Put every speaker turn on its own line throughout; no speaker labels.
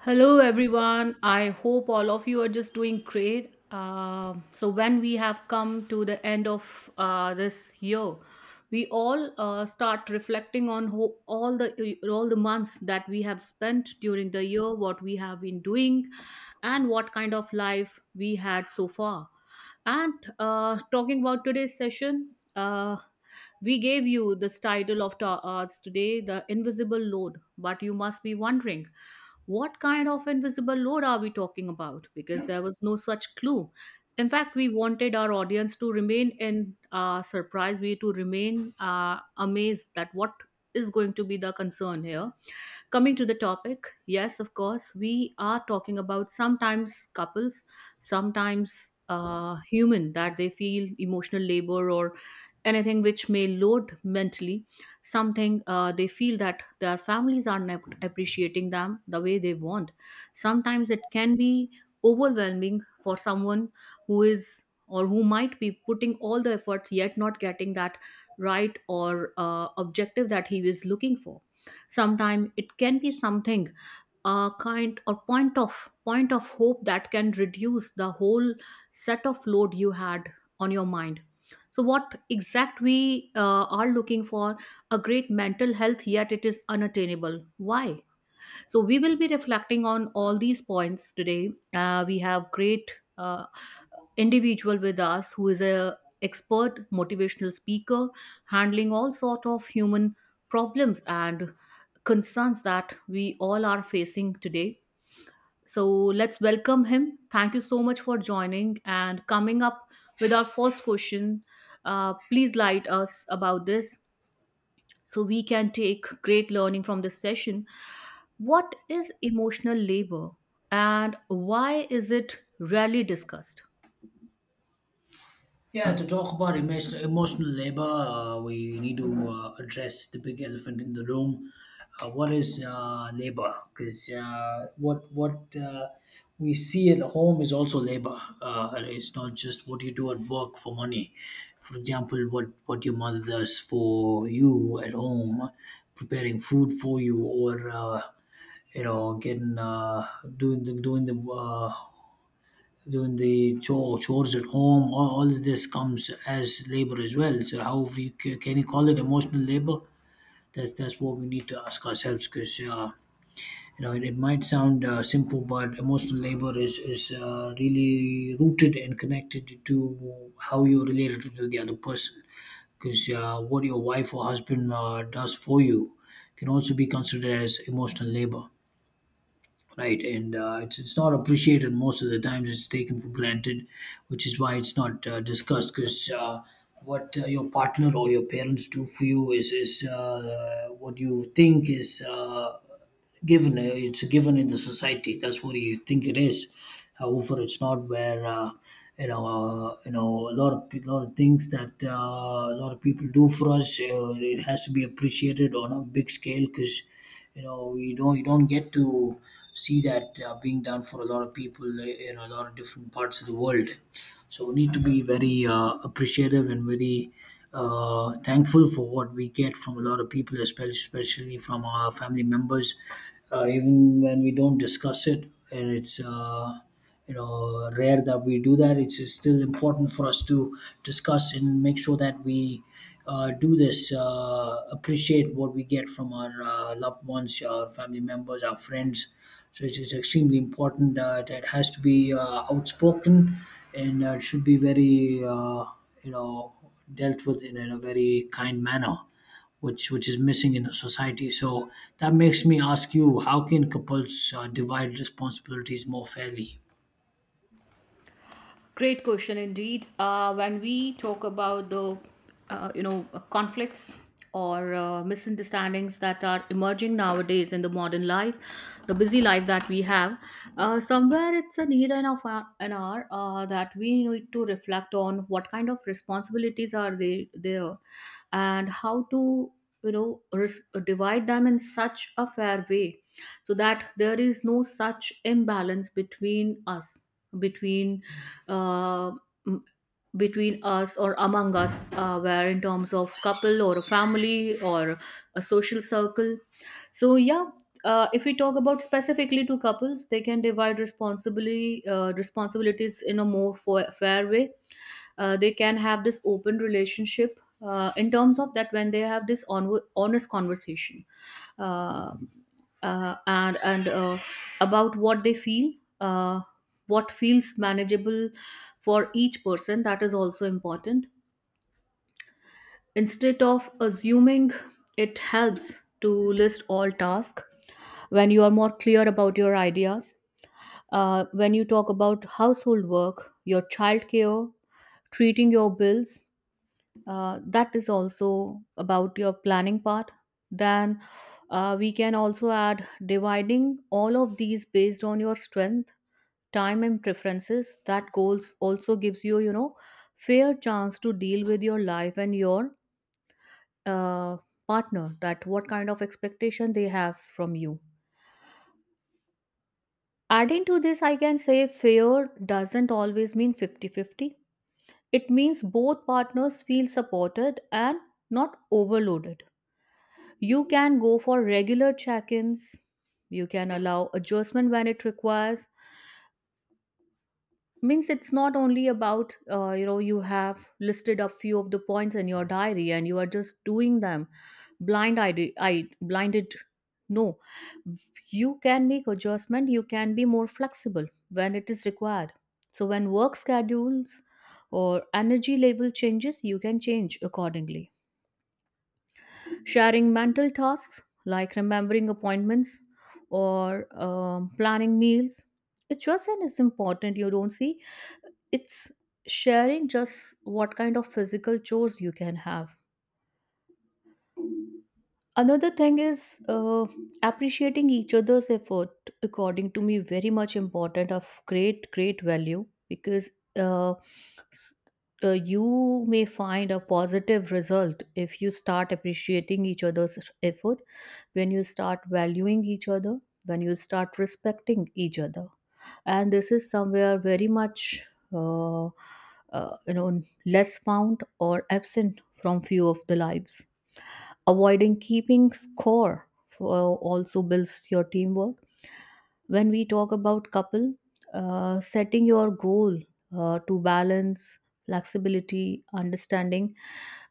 Hello, everyone. I hope all of you are just doing great. When we have come to the end of this year, we all start reflecting on all the months that we have spent during the year, what we have been doing, and what kind of life we had so far. And talking about today's session, uh, we gave you this title of ours today, the invisible load. But you must be wondering what kind of invisible load are we talking about? Because there was no such clue. In fact, we wanted our audience to remain in surprise, we to remain amazed that what is going to be the concern here. Coming to the topic, yes, of course, we are talking about sometimes couples, sometimes human that they feel emotional labor or anything which may load mentally something they feel that their families are not appreciating them the way they want. Sometimes it can be overwhelming for someone who is or who might be putting all the efforts yet not getting that right or objective that he is looking for. Sometimes it can be something kind or point of hope that can reduce the whole set of load you had on your mind. So what exact we are looking for, a great mental health yet it is unattainable. Why? So we will be reflecting on all these points today. We have great uh, individual with us who is a expert motivational speaker handling all sort of human problems and concerns that we all are facing today. So let's welcome him. Thank you so much for joining and coming up with our first question. Please light us about this so we can take great learning from this session. What is emotional labor and why is it rarely discussed?
Yeah, to talk about emotional labor, we need to address the big elephant in the room. What is labor? Because what we see at home is also labor. It's not just what you do at work for money. For example, what your mother does for you at home, preparing food for you, or you know, getting doing the doing the doing the chore, chores at home. All of this comes as labor as well. So can you call it emotional labor? That's what we need to ask ourselves because it, it might sound simple, but emotional labor is really rooted and connected to how you're related to the other person. Because what your wife or husband does for you can also be considered as emotional labor, right? And it's not appreciated. Most of the times it's taken for granted, which is why it's not discussed because what your partner or your parents do for you is what you think is given it's a given in the society. That's what you think it is. However, it's not, where a lot of lot of things that a lot of people do for us, it has to be appreciated on a big scale, because you know you don't get to see that being done for a lot of people in a lot of different parts of the world. So we need to be very appreciative and very thankful for what we get from a lot of people, especially from our family members, even when we don't discuss it. And it's rare that we do. That it's still important for us to discuss and make sure that we do this, appreciate what we get from our loved ones, our family members, our friends. So it's extremely important that it has to be outspoken, and it should be very you know dealt with in a very kind manner, which is missing in the society. So that makes me ask you, how can couples divide responsibilities more fairly?
Great question indeed. When we talk about the, conflicts or misunderstandings that are emerging nowadays in the modern life, the busy life that we have, somewhere it's a need and of an hour that we need to reflect on what kind of responsibilities are they there, and how to divide them in such a fair way so that there is no such imbalance between us, between uh, m- between us or among us, where in terms of couple or a family or a social circle. So yeah, if we talk about specifically to couples, they can divide responsibility, responsibilities in a more fair way. They can have this open relationship in terms of that when they have this honest conversation, uh, and about what they feel, uh, what feels manageable for each person. That is also important. Instead of assuming, it helps to list all tasks when you are more clear about your ideas. When you talk about household work, your childcare, treating your bills, that is also about your planning part. Then we can also add dividing all of these based on your strength, time and preferences. That goals also gives you, you know, fair chance to deal with your life and your uh, partner, that what kind of expectation they have from you. Adding to this, I can say fair doesn't always mean 50-50. It means both partners feel supported and not overloaded. You can go for regular check ins. You can allow adjustment when it requires. Means it's not only about, you have listed a few of the points in your diary and you are just doing them I blinded. No, you can make adjustment. You can be more flexible when it is required. So when work schedules or energy level changes, you can change accordingly. Sharing mental tasks like remembering appointments or planning meals, it's just and it's important. You don't see it's sharing just what kind of physical chores you can have. Another thing is appreciating each other's effort. According to me, very much important of great great value because. Uh, s- you may find a positive result if you start appreciating each other's effort, when you start valuing each other, when you start respecting each other. And this is somewhere very much uh, uh, you know less found or absent from few of the lives. Avoiding keeping score for also builds your teamwork. When we talk about couple, setting your goal to balance flexibility, understanding,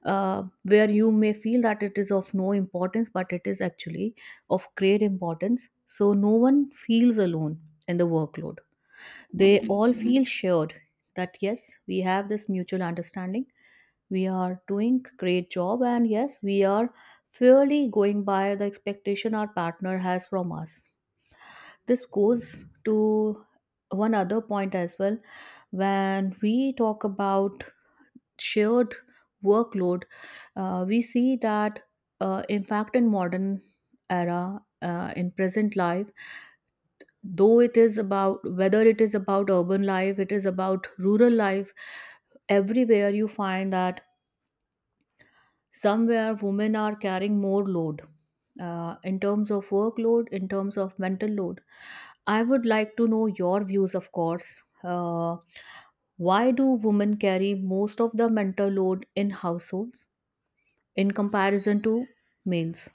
where you may feel that it is of no importance but it is actually of great importance, so no one feels alone in the workload. They all feel shared. That yes, we have this mutual understanding, we are doing great job and yes, we are fairly going by the expectation our partner has from us. This goes to one other point as well. When we talk about shared workload, we see that in fact in modern era, in present life, though it is about whether it is about urban life, it is about rural life, everywhere you find that somewhere women are carrying more load, in terms of workload, in terms of mental load. I would like to know your views, of course. uh, why do women carry most of the mental load in households in comparison to males?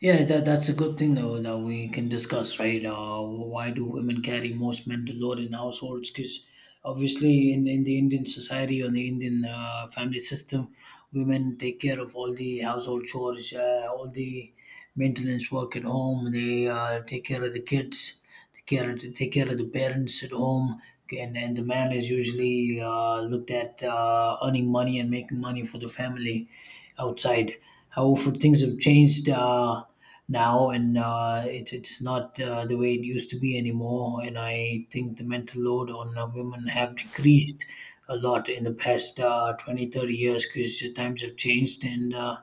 Yeah, that's a good thing though that we can discuss, right? Why do women carry most mental load in households? Because obviously, in the Indian society or the Indian family system, women take care of all the household chores, all the maintenance work at home. They take care of the kids, take care of the parents at home, and the man is usually looked at earning money and making money for the family outside. However, things have changed now, and it's not the way it used to be anymore. And I think the mental load on women have decreased a lot in the past 20, 30 years because times have changed and. Uh,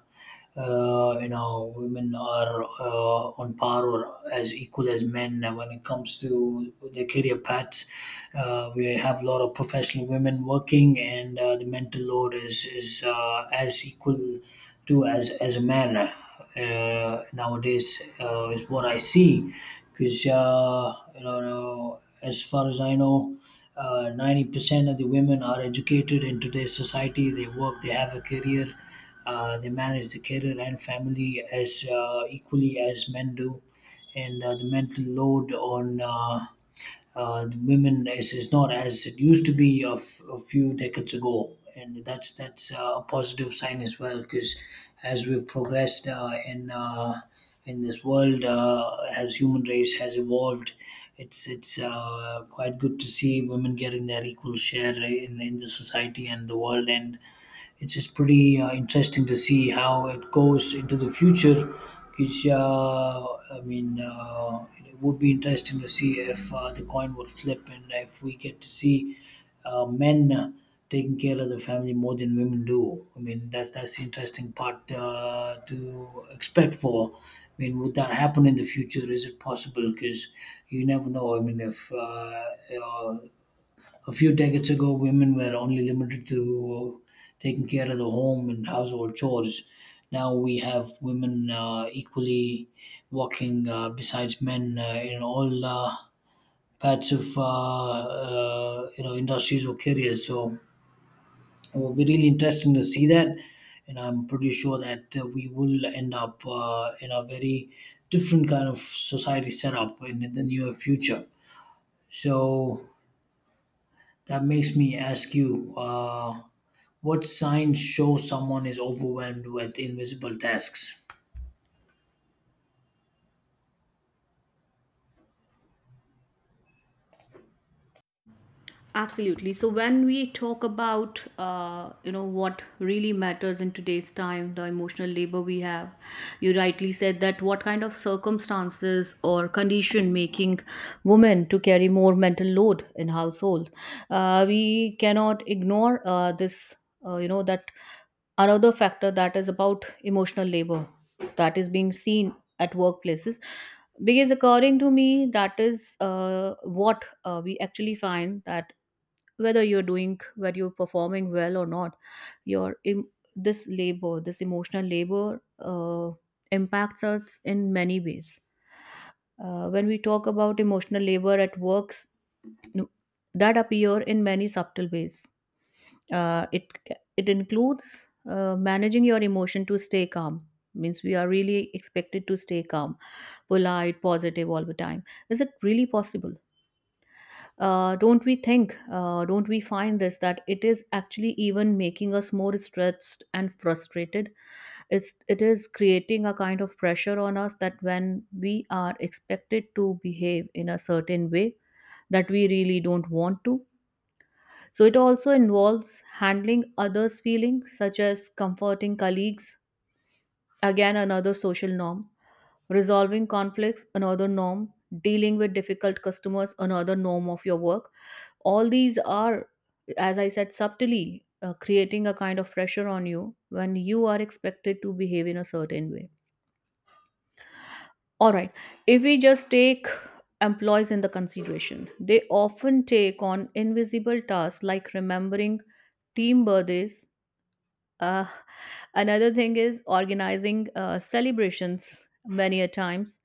uh, You know, women are on par or as equal as men when it comes to their career paths. Uh, we have a lot of professional women working, and the mental load is as equal to as a man nowadays, is what I see. Because you know, as far as I know, 90% of the women are educated in today's society. They work, they have a career, they manage the career and family as equally as men do, and the mental load on the women is not as it used to be a few decades ago, and that's a positive sign as well, because as we've progressed in this world, as human race has evolved, it's quite good to see women getting their equal share in the society and the world, and it's just pretty interesting to see how it goes into the future. Because I mean, it would be interesting to see if the coin would flip and if we get to see men taking care of the family more than women do. I mean, that's the interesting part to expect for. I mean, would that happen in the future? Is it possible? Because you never know. I mean, if uh, a few decades ago, women were only limited to taking care of the home and household chores. Now we have women equally working besides men in all parts of you know, industries or careers. So it will be really interesting to see that, and I'm pretty sure that we will end up in a very different kind of society setup in the near future. So that makes me ask you, what signs show someone is overwhelmed with invisible tasks?
Absolutely. So when we talk about what really matters in today's time, the emotional labor we have, you rightly said that what kind of circumstances or condition making women to carry more mental load in household. We cannot ignore this. You know that another factor that is about emotional labor that is being seen at workplaces, because according to me that is what we actually find that whether you're doing, whether you're performing well or not, your this labor, this emotional labor impacts us in many ways. When we talk about emotional labor at works, no- that appear in many subtle ways. It it includes managing your emotion to stay calm. Means we are really expected to stay calm, polite, positive all the time. Is it really possible? Don't we don't we find this that it is actually even making us more stressed and frustrated? It's it is creating a kind of pressure on us that when we are expected to behave in a certain way that we really don't want to. So it also involves handling others' feelings, such as comforting colleagues, again another social norm, resolving conflicts, another norm, dealing with difficult customers, another norm of your work. All these are, as I said, subtly creating a kind of pressure on you when you are expected to behave in a certain way. All right, if we just take employees in the consideration, they often take on invisible tasks like remembering team birthdays. uh, Another thing is organizing celebrations many a times,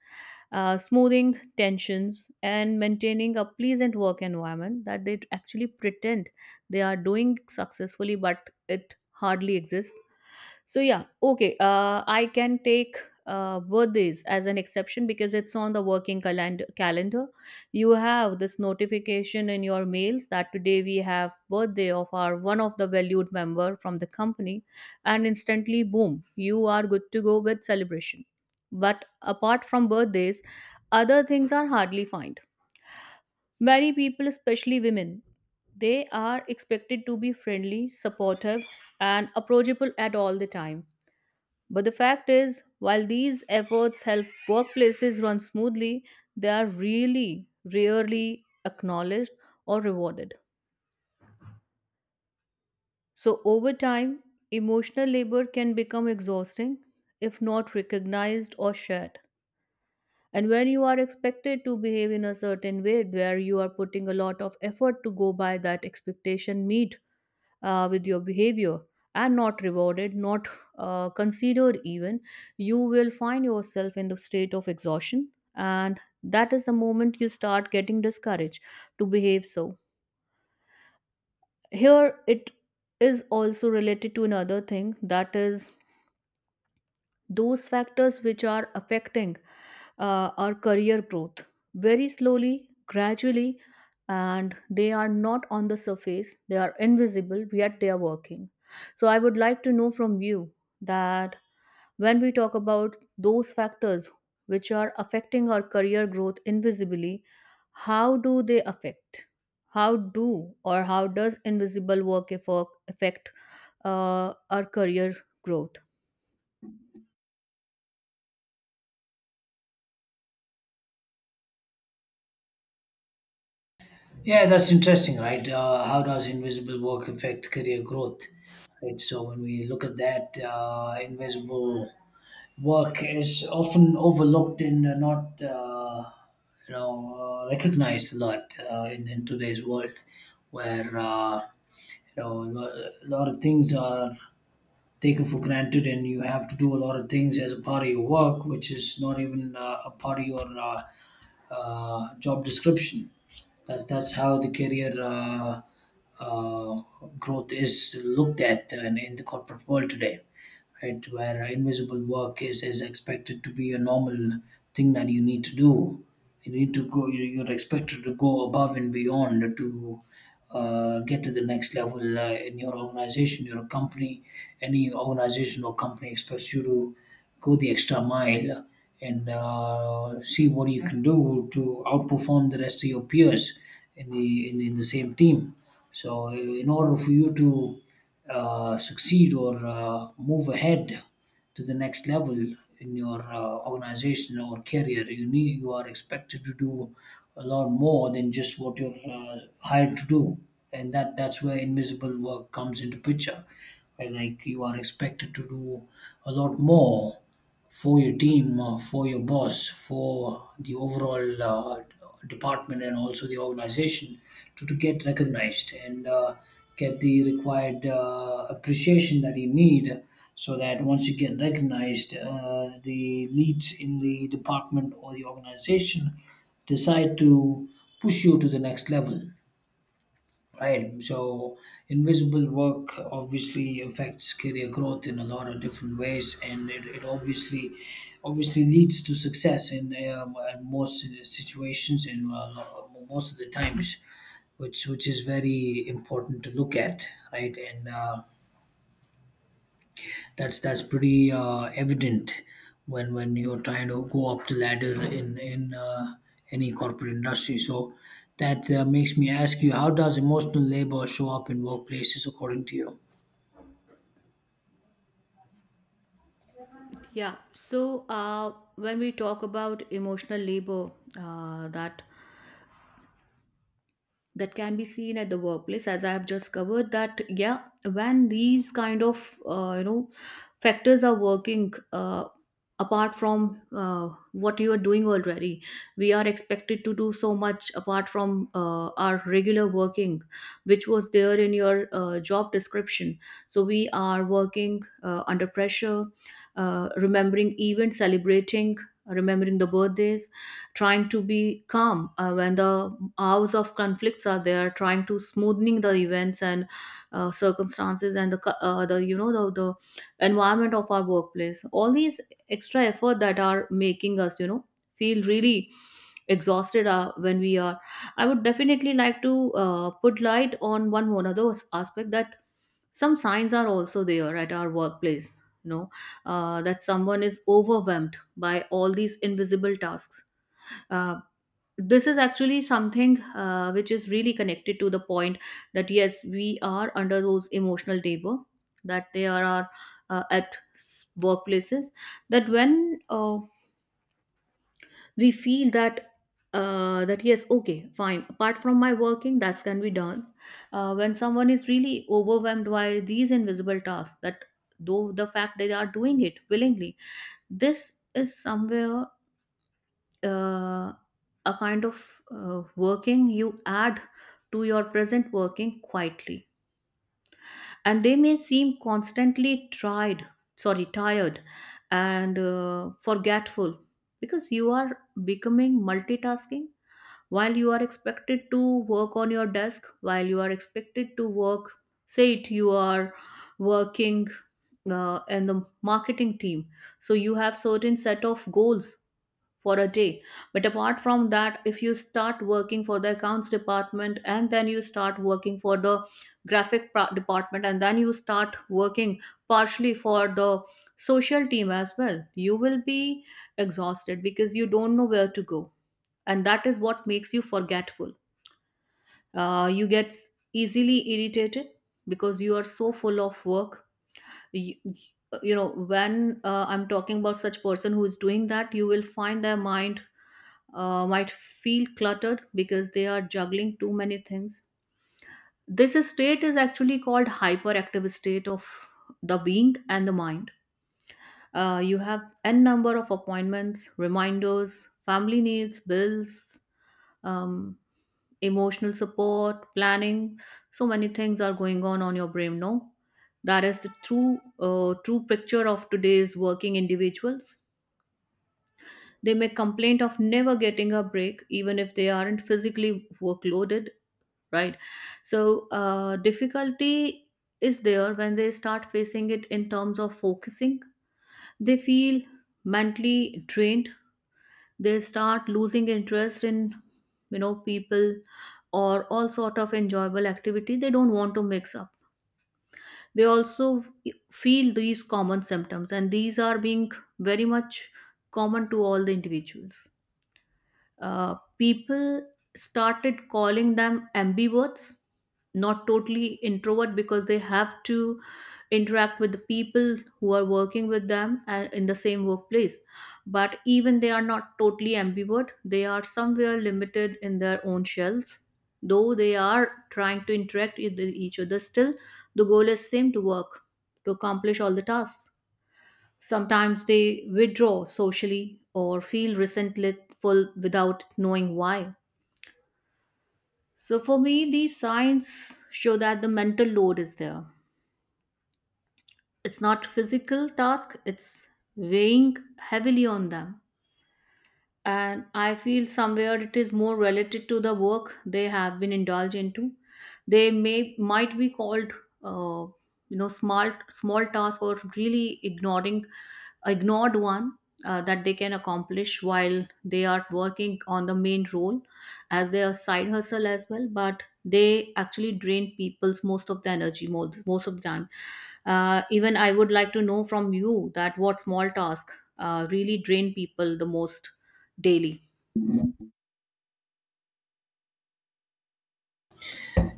smoothing tensions, and maintaining a pleasant work environment that they actually pretend they are doing successfully, but it hardly exists. So, yeah, okay, I can take birthdays as an exception because it's on the working calendar. You have this notification in your mails that today we have birthday of our one of the valued member from the company, and instantly boom, you are good to go with celebration. But apart from birthdays, other things are hardly found. Many people, especially women, they are expected to be friendly, supportive, and approachable at all the time. But the fact is, while these efforts help workplaces run smoothly, they are really rarely acknowledged or rewarded. So, over time, emotional labor can become exhausting if not recognized or shared. And when you are expected to behave in a certain way where you are putting a lot of effort to go by that expectation, meet with your behavior, and not rewarded, not considered even, you will find yourself in the state of exhaustion. And that is the moment you start getting discouraged to behave so. Here it is also related to another thing, that is those factors which are affecting our career growth very slowly, gradually, and they are not on the surface, they are invisible, yet they are working. So, I would like to know from you that when we talk about those factors which are affecting our career growth invisibly, how do they affect? How do, or how does invisible work affect our career growth?
Yeah, that's interesting, right? How does invisible work affect career growth? Right. So when we look at that, invisible work is often overlooked and not, you know, recognized a lot in today's world, where you know, a lot of things are taken for granted, and you have to do a lot of things as a part of your work, which is not even a part of your job description. That's how the career uh, growth is looked at in the corporate world today, right? Where invisible work is expected to be a normal thing that you need to do. You're expected to go above and beyond to get to the next level in your organization, your company. Any organization or company expects you to go the extra mile and see what you can do to outperform the rest of your peers in the in the same team. So, in order for you to succeed or move ahead to the next level in your organization or career, you are expected to do a lot more than just what you're hired to do. And that's where invisible work comes into picture, where, like, you are expected to do a lot more for your team, for your boss, for the overall department, and also the organization, to get recognized and get the required appreciation that you need, so that once you get recognized, the leads in the department or the organization decide to push you to the next level. Right. So invisible work obviously affects career growth in a lot of different ways, and it obviously leads to success in most situations and most of the times, which is very important to look at, right? And that's pretty evident when you're trying to go up the ladder in any corporate industry. So that makes me ask you, how does emotional labor show up in workplaces according to you?
Yeah. So when we talk about emotional labor, uh, that that can be seen at the workplace as I have just covered that, yeah, when these kind of uh, you know factors are working, apart from what you are doing already. We are expected to do so much apart from our regular working which was there in your job description. So we are working under pressure, remembering events, celebrating, remembering the birthdays, trying to be calm when the hours of conflicts are there, trying to smoothing the events and circumstances and the the environment of our workplace. All these extra effort that are making us, you know, feel really exhausted when we are. I would definitely like to put light on one other aspect, that some signs are also there at our workplace, you know, that someone is overwhelmed by all these invisible tasks. Uh, this is actually something which is really connected to the point that yes, we are under those emotional labor, that they are at workplaces, that when we feel that that yes, okay, fine, apart from my working that's can be done. When someone is really overwhelmed by these invisible tasks, that though the fact they are doing it willingly, this is somewhere uh, a kind of working you add to your present working quietly, and they may seem constantly tried, sorry, tired, and forgetful, because you are becoming multitasking while you are expected to work on your desk, while you are expected to work. Say it, you are working in the marketing team, so you have certain set of goals for a day. But apart from that, if you start working for the accounts department, and then you start working for the department, and then you start working partially for the social team as well, you will be exhausted because you don't know where to go, and that is what makes you forgetful. You get easily irritated because you are so full of work. You, you know when I'm talking about such person who is doing that, you will find their mind might feel cluttered because they are juggling too many things. This state is actually called hyperactive state of the being and the mind. You have n number of appointments, reminders, family needs, bills, um, emotional support, planning. So many things are going on your brain. No, that is the true picture of today's working individuals. They may complain of never getting a break, even if they aren't physically workloaded, right? So difficulty is there when they start facing it in terms of focusing. They feel mentally drained. They start losing interest in, you know, people, or all sort of enjoyable activity. They don't want to mix up. They also feel these common symptoms, and these are being very much common to all the individuals. People started calling them ambiverts, not totally introvert, because they have to interact with the people who are working with them in the same workplace. But even they are not totally ambivert, they are somewhere limited in their own shells. Though they are trying to interact with each other, still the goal is same, to work, to accomplish all the tasks. Sometimes they withdraw socially or feel resentful without knowing why. So, for me, these signs show that the mental load is there. It's not physical task, it's weighing heavily on them. And I feel somewhere it is more related to the work they have been indulged into. They may might be called uh, small task, or really ignoring ignored one, that they can accomplish while they are working on the main role, as their side hustle as well, but they actually drain people's most of the energy, most of the time. Even I would like to know from you that what small task really drain people the most daily.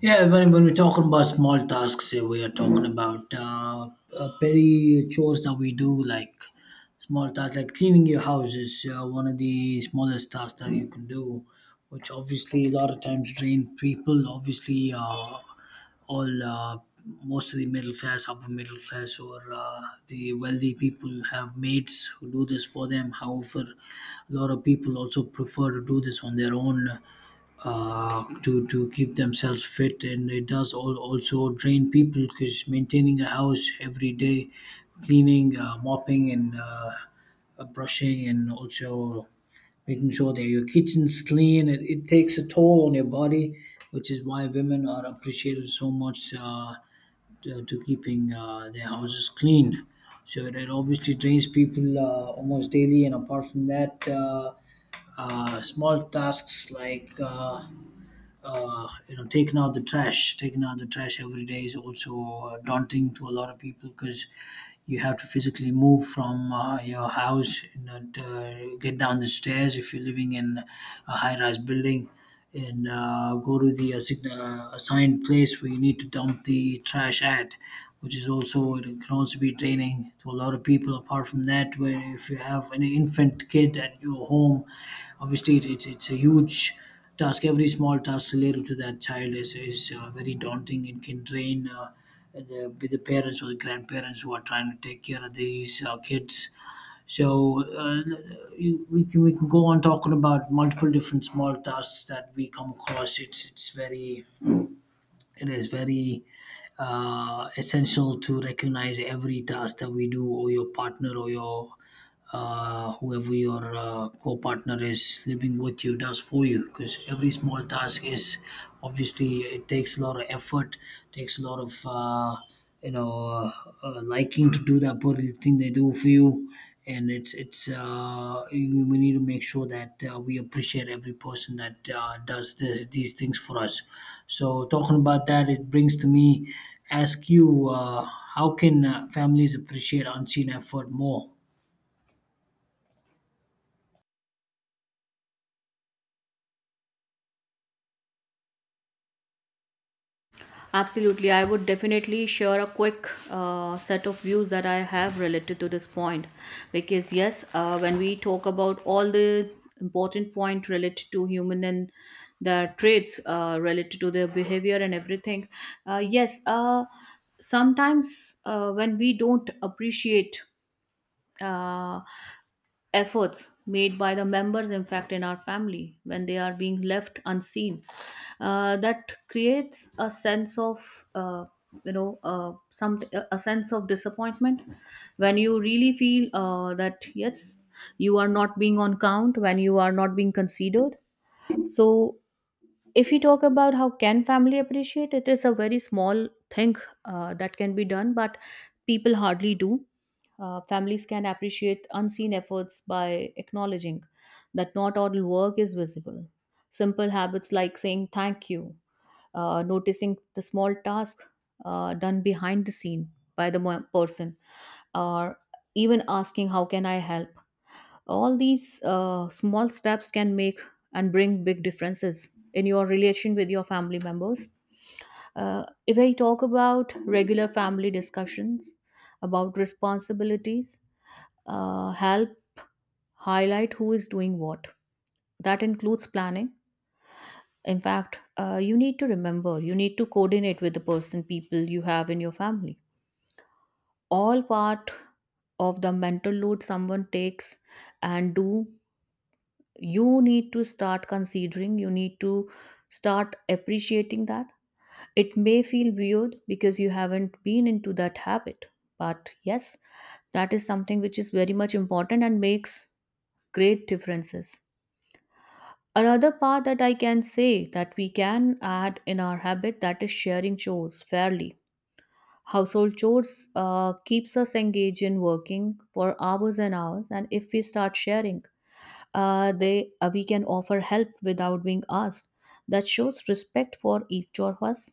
Yeah, when we're talking about small tasks, eh, we are talking about petty chores that we do, like small tasks, like cleaning your house is one of the smallest tasks that you can do, which obviously a lot of times drain people. Obviously, all most of the middle class, upper middle class, or the wealthy people have mates who do this for them. However, a lot of people also prefer to do this on their own to keep themselves fit, and it does also drain people because maintaining a house every day, cleaning, mopping, and brushing, and also making sure that your kitchen's clean. It takes a toll on your body, which is why women are appreciated so much to keeping their houses clean. So it obviously drains people almost daily, and apart from that. Small tasks like you know, taking out the trash every day is also daunting to a lot of people, because you have to physically move from your house and get down the stairs if you're living in a high-rise building, and go to the assigned place where you need to dump the trash at, which is also, it can also be draining to a lot of people. Apart from that, where if you have an infant kid at your home, obviously, it's a huge task. Every small task related to that child is very daunting. It can drain the parents or the grandparents who are trying to take care of these kids. So we can go on talking about multiple different small tasks that we come across. It's very it is very essential to recognize every task that we do, or your partner, or your whoever your co-partner is living with you does for you, because every small task is obviously, it takes a lot of effort, takes a lot of you know uh, liking to do that particular thing they do for you, and it's we need to make sure that we appreciate every person that these things for us. So talking about that, it brings to me ask you, how can families appreciate unseen effort more?
Absolutely, I would definitely share a quick set of views that I have related to this point, because yes, when we talk about all the important point related to human and their traits related to their behavior and everything, yes, sometimes when we don't appreciate. Uh, Efforts made by the members, in fact, in our family, when they are being left unseen, that creates a sense of, you know some a sense of disappointment, when you really feel that yes, you are not being on count, when you are not being considered. So if you talk about how can family appreciate, it is a very small thing that can be done, but people hardly do. Families can appreciate unseen efforts by acknowledging that not all work is visible. Simple habits like saying thank you, noticing the small task done behind the scene by the person, or even asking how can I help, all these small steps can make and bring big differences in your relation with your family members. If I talk about regular family discussions about responsibilities, help highlight who is doing what. That includes planning. In fact, you need to remember, you need to coordinate with the person, people you have in your family, all part of the mental load someone takes. And do, you need to start considering, you need to start appreciating that. It may feel weird because you haven't been into that habit, but yes, that is something which is very much important and makes great differences. Another part that I can say that we can add in our habit, that is sharing chores fairly. Household chores keeps us engaged in working for hours and hours, and if we start sharing, they we can offer help without being asked. That shows respect for each of us.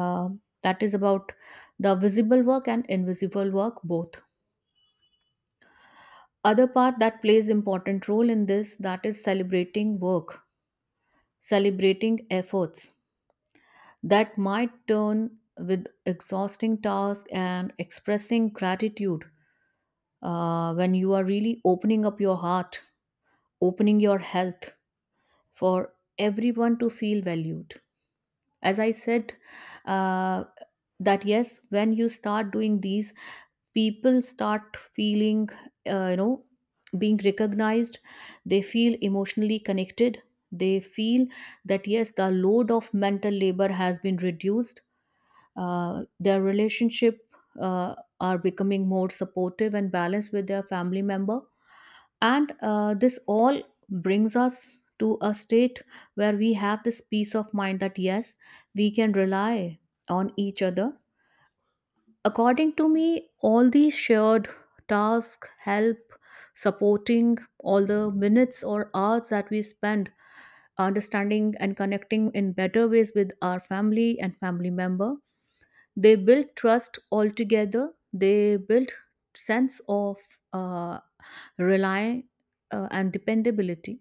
Uh, that is about the visible work and invisible work both. Other part that plays important role in this, that is celebrating work, celebrating efforts that might turn with exhausting task, and expressing gratitude, when you are really opening up your heart, opening your health for everyone to feel valued. As I said, uh, that yes, when you start doing these, people start feeling, you know, being recognized. They feel emotionally connected. They feel that yes, the load of mental labor has been reduced. Their relationship uh, are becoming more supportive and balanced with their family member. And this all brings us to a state where we have this peace of mind, that yes, we can rely on each other. According to me, all these shared tasks help supporting all the minutes or hours that we spend understanding and connecting in better ways with our family and family member. They build trust altogether. They build sense of uh, rely and dependability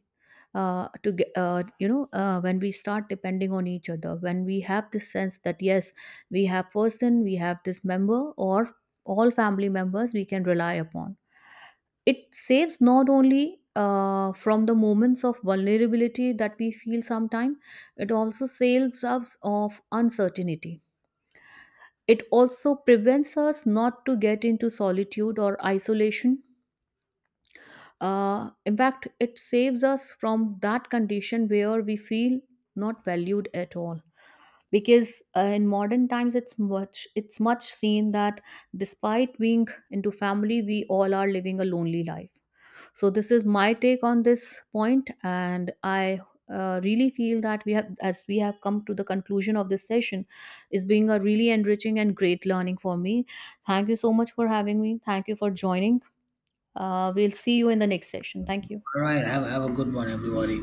to get, when we start depending on each other, when we have this sense that yes, we have person, we have this member, or all family members we can rely upon, it saves not only from the moments of vulnerability that we feel sometime. It also saves us of uncertainty. It also prevents us not to get into solitude or isolation. In fact, it saves us from that condition where we feel not valued at all. Because in modern times, it's much seen that despite being into family, we all are living a lonely life. So this is my take on this point, and I really feel that we have, as we have come to the conclusion of this session, is being a really enriching and great learning for me. Thank you so much for having me. Thank you for joining. We'll see you in the next session. Thank you.
All right. Have a good one, everybody.